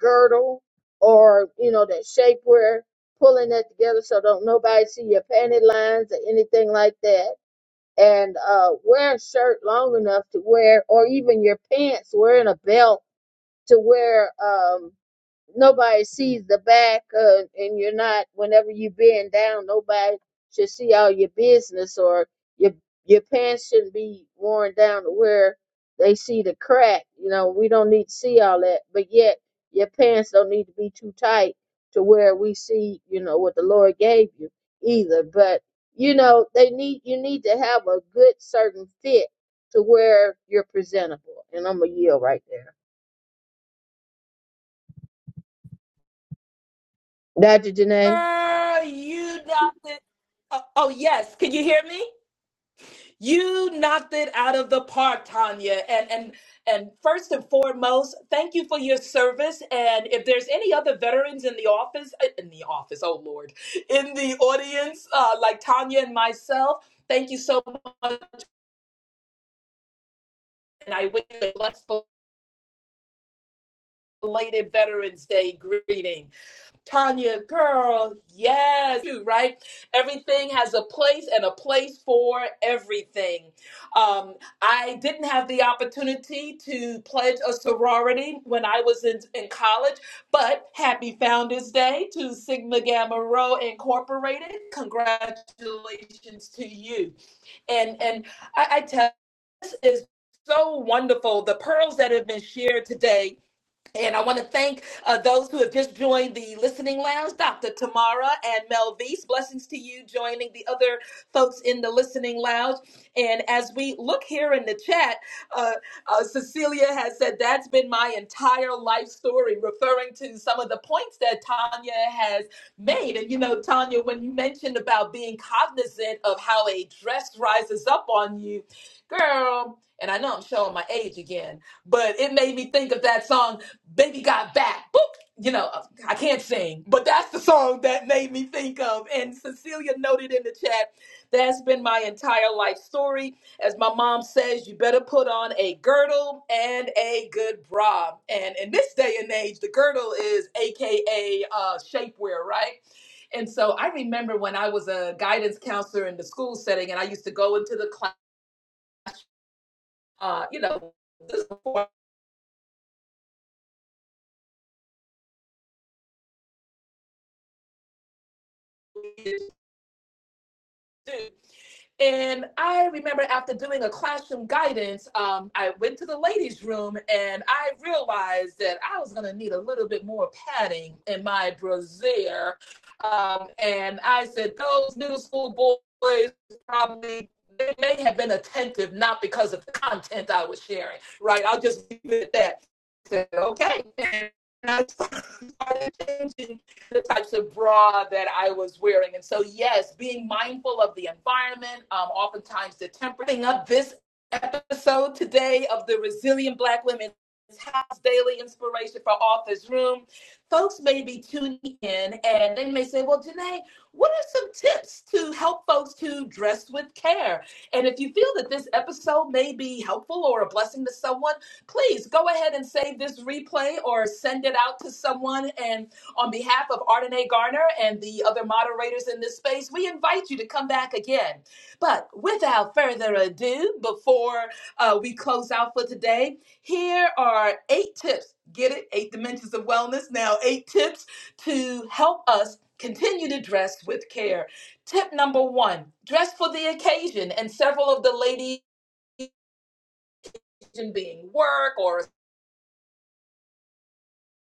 Speaker 6: girdle or you know that shapewear, pulling that together so don't nobody see your panty lines or anything like that. And uh, wear a shirt long enough to wear, or even your pants, wearing a belt to wear. Um, nobody sees the back uh, and you're not whenever you bend down nobody should see all your business or your your pants shouldn't be worn down to where they see the crack you know we don't need to see all that but yet your pants don't need to be too tight to where we see you know what the lord gave you either but you know they need you need to have a good certain fit to where you're presentable and i'm a yield right there dr janae
Speaker 1: Girl, you got it. Oh, oh, yes. Can you hear me? You knocked it out of the park, Tanya. And and and first and foremost, thank you for your service. And if there's any other veterans in the office, uh, in the office, oh Lord, in the audience, uh, like Tanya and myself, thank you so much. And I wish you a blessed belated Veterans Day greeting. Tanya, girl, yes, right. Everything has a place and a place for everything. Um, I didn't have the opportunity to pledge a sorority when I was in, in college, but happy Founders Day to Sigma Gamma Rho Incorporated. Congratulations to you. And and I, I tell you, this is so wonderful. The pearls that have been shared today and I want to thank uh, those who have just joined the listening lounge, Dr. Tamara and Melvise. Blessings to you joining the other folks in the listening lounge. And as we look here in the chat, uh, uh, Cecilia has said, That's been my entire life story, referring to some of the points that Tanya has made. And you know, Tanya, when you mentioned about being cognizant of how a dress rises up on you, girl, and I know I'm showing my age again, but it made me think of that song Baby Got Back. Boop. You know, uh, I can't sing, but that's the song that made me think of. And Cecilia noted in the chat, that's been my entire life story. As my mom says, you better put on a girdle and a good bra. And in this day and age, the girdle is AKA uh, shapewear, right? And so I remember when I was a guidance counselor in the school setting, and I used to go into the class, uh, you know, this is before we do. And I remember after doing a classroom guidance, um, I went to the ladies' room and I realized that I was going to need a little bit more padding in my brassiere. Um, and I said, those middle school boys probably they may have been attentive, not because of the content I was sharing, right? I'll just leave it at that. I said, okay. And I started changing the types of bra that I was wearing. And so, yes, being mindful of the environment, um, oftentimes the temperature. up this episode today of the Resilient Black Women's House Daily Inspiration for Authors Room. Folks may be tuning in and they may say, Well, Janae, what are some tips to help folks to dress with care? And if you feel that this episode may be helpful or a blessing to someone, please go ahead and save this replay or send it out to someone. And on behalf of Ardenae Garner and the other moderators in this space, we invite you to come back again. But without further ado, before uh, we close out for today. Here are eight tips. Get it? Eight dimensions of wellness. Now, eight tips to help us continue to dress with care. Tip number one dress for the occasion. And several of the ladies being work or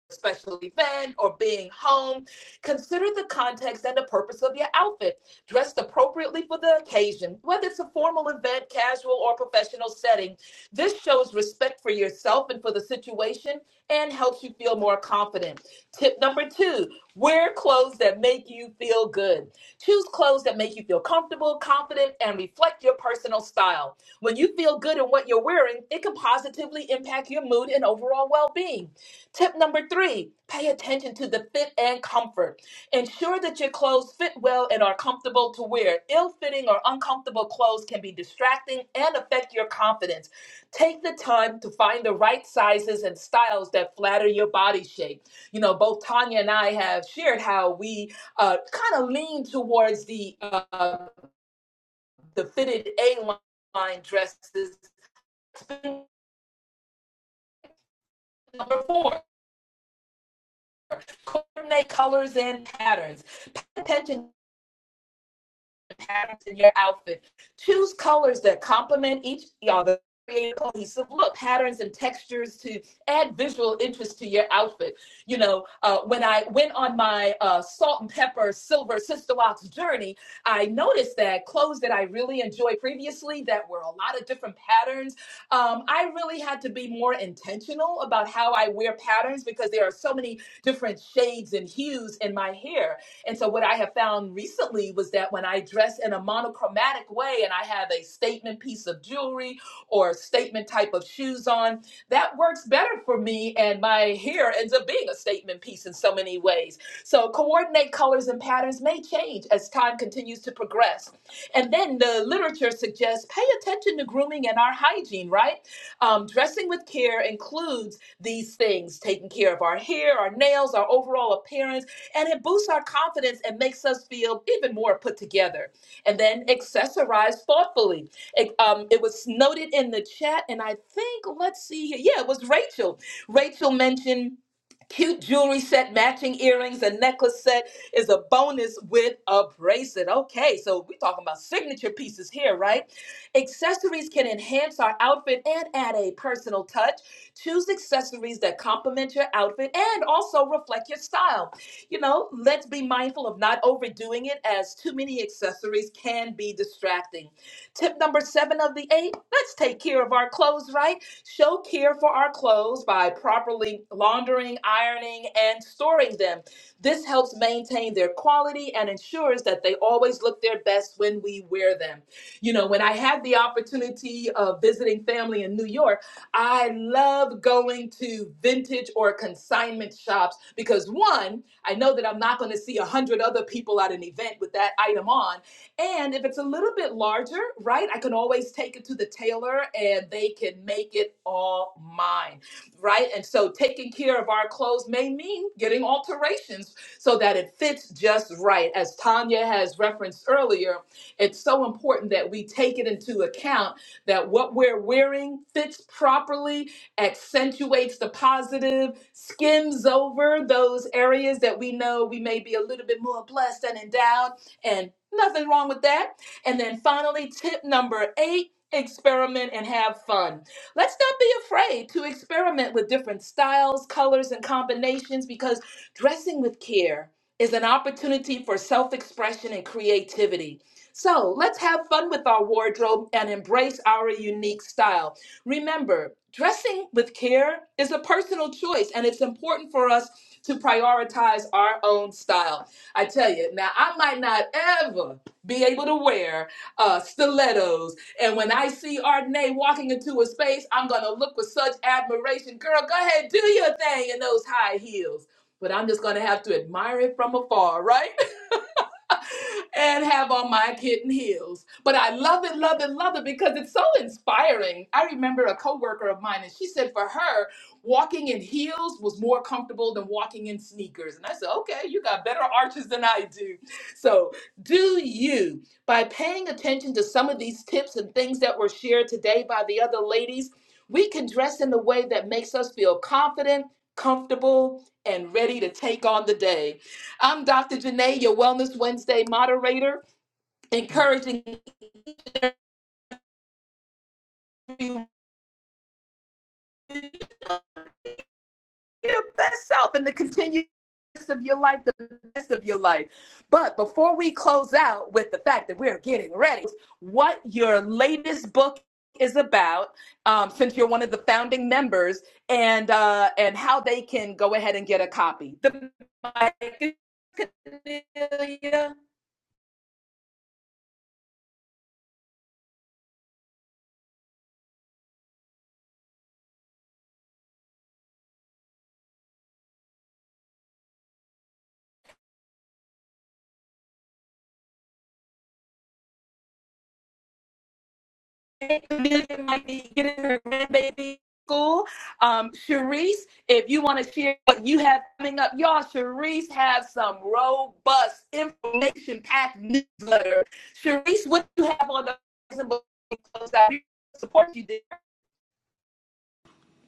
Speaker 1: special event or being home, consider the context and the purpose of your outfit. Dressed appropriately for the occasion, whether it's a formal event, casual, or professional setting. This shows respect for yourself and for the situation and helps you feel more confident. Tip number two wear clothes that make you feel good. Choose clothes that make you feel comfortable, confident, and reflect your personal style. When you feel good in what you're wearing, it can positively impact your mood and overall well being. Tip number three, pay attention to the fit and comfort. Ensure that your clothes fit well and are comfortable to wear. Ill fitting or uncomfortable clothes can be distracting and affect your confidence. Take the time to find the right sizes and styles that flatter your body shape. You know, both Tanya and I have shared how we uh, kind of lean towards the, uh, the fitted A line dresses. Number four, coordinate colors and patterns. Pay attention patterns in your outfit. Choose colors that complement each other, create a cohesive look, patterns and textures to add visual interest to your outfit. You know, uh, when I went on my uh, salt and pepper silver sister wax journey, I noticed that clothes that I really enjoyed previously that were a lot of different patterns, um, I really had to be more intentional about how I wear patterns because there are so many different shades and hues in my hair and so what I have found recently was that when I dress in a monochromatic way and I have a statement piece of jewelry or statement type of shoes on, that works better for me and my hair ends up being a statement piece in so many ways. So coordinate colors and patterns may change as time continues to progress. And then the literature suggests pay attention to grooming and our hygiene, right? Um, dressing with care includes these things taking care of our hair, our nails, our overall appearance, and it boosts our confidence and makes us feel even more put together. And then accessorize thoughtfully. It, um, it was noted in the chat, and I think, let's see here. Yeah, it was Rachel. Rachel mentioned. Cute jewelry set, matching earrings, a necklace set is a bonus with a bracelet. Okay, so we're talking about signature pieces here, right? Accessories can enhance our outfit and add a personal touch. Choose accessories that complement your outfit and also reflect your style. You know, let's be mindful of not overdoing it as too many accessories can be distracting. Tip number seven of the eight let's take care of our clothes, right? Show care for our clothes by properly laundering, ironing, and storing them. This helps maintain their quality and ensures that they always look their best when we wear them. You know, when I had the opportunity of visiting family in New York, I love going to vintage or consignment shops because one, I know that I'm not going to see a hundred other people at an event with that item on. And if it's a little bit larger, right, I can always take it to the tailor and they can make it all mine, right? And so taking care of our clothes may mean getting alterations so that it fits just right. As Tanya has referenced earlier, it's so important that we take it into account that what we're wearing fits properly, accentuates the positive, skims over those areas that we know we may be a little bit more blessed and endowed, and nothing wrong with that. And then finally, tip number eight. Experiment and have fun. Let's not be afraid to experiment with different styles, colors, and combinations because dressing with care is an opportunity for self expression and creativity. So let's have fun with our wardrobe and embrace our unique style. Remember, dressing with care is a personal choice, and it's important for us to prioritize our own style. I tell you, now I might not ever be able to wear uh, stilettos, and when I see Ardenae walking into a space, I'm gonna look with such admiration. Girl, go ahead, do your thing in those high heels. But I'm just gonna have to admire it from afar, right? and have on my kitten heels. But I love it, love it, love it because it's so inspiring. I remember a coworker of mine, and she said for her, walking in heels was more comfortable than walking in sneakers. And I said, okay, you got better arches than I do. So, do you, by paying attention to some of these tips and things that were shared today by the other ladies, we can dress in a way that makes us feel confident, comfortable, and ready to take on the day. I'm Dr. Janae, your Wellness Wednesday moderator, encouraging you to be your best self and to continue the best of your life, the best of your life. But before we close out with the fact that we're getting ready, what your latest book is about, um, since you're one of the founding members, and uh, and how they can go ahead and get a copy. The music might be getting her grandbaby school. Um, Sharice, if you want to share what you have coming up, y'all, Sharice has some robust information packed newsletter. Sharice, what do you have on the horizon support you there.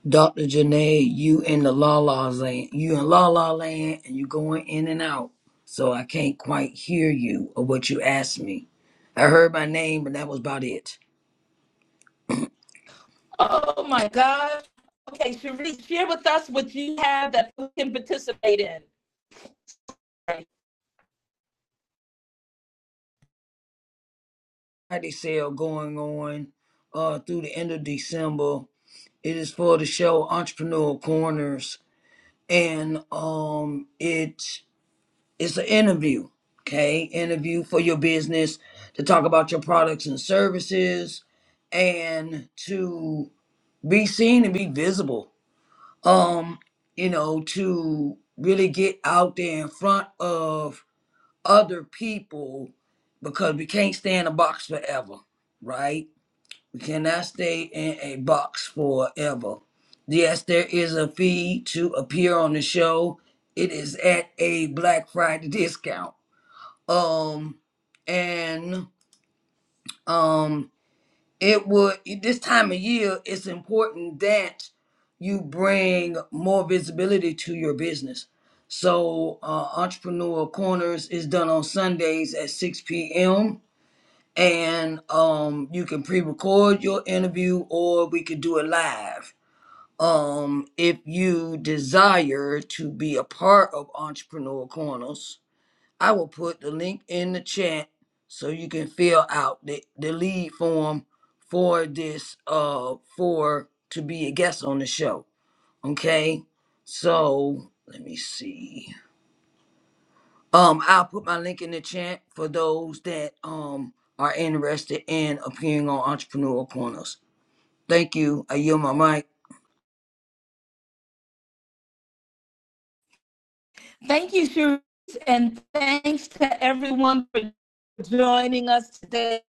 Speaker 2: Dr. Janae, you in the la la land. You in la la land and you going in and out. So I can't quite hear you or what you asked me. I heard my name, but that was about it.
Speaker 1: Oh my gosh. Okay, Sharice, share with us what you have that we can participate in.
Speaker 2: Friday sale going on uh, through the end of December. It is for the show Entrepreneur Corners. And um, it it's an interview, okay? Interview for your business to talk about your products and services and to be seen and be visible um you know to really get out there in front of other people because we can't stay in a box forever right we cannot stay in a box forever yes there is a fee to appear on the show it is at a black friday discount um and um it would this time of year it's important that you bring more visibility to your business so uh, entrepreneur corners is done on sundays at 6 p.m and um, you can pre-record your interview or we could do it live um, if you desire to be a part of entrepreneur corners I will put the link in the chat so you can fill out the, the lead form for this uh for to be a guest on the show. Okay. So let me see. Um I'll put my link in the chat for those that um are interested in appearing on Entrepreneur Corners. Thank you. I yield my mic.
Speaker 1: Thank you, Sharice, and thanks to everyone for joining us today.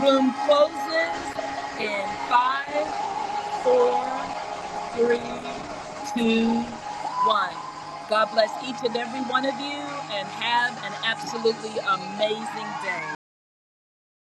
Speaker 1: Room closes in five, four, three, two, one. God bless each and every one of you and have an absolutely amazing day.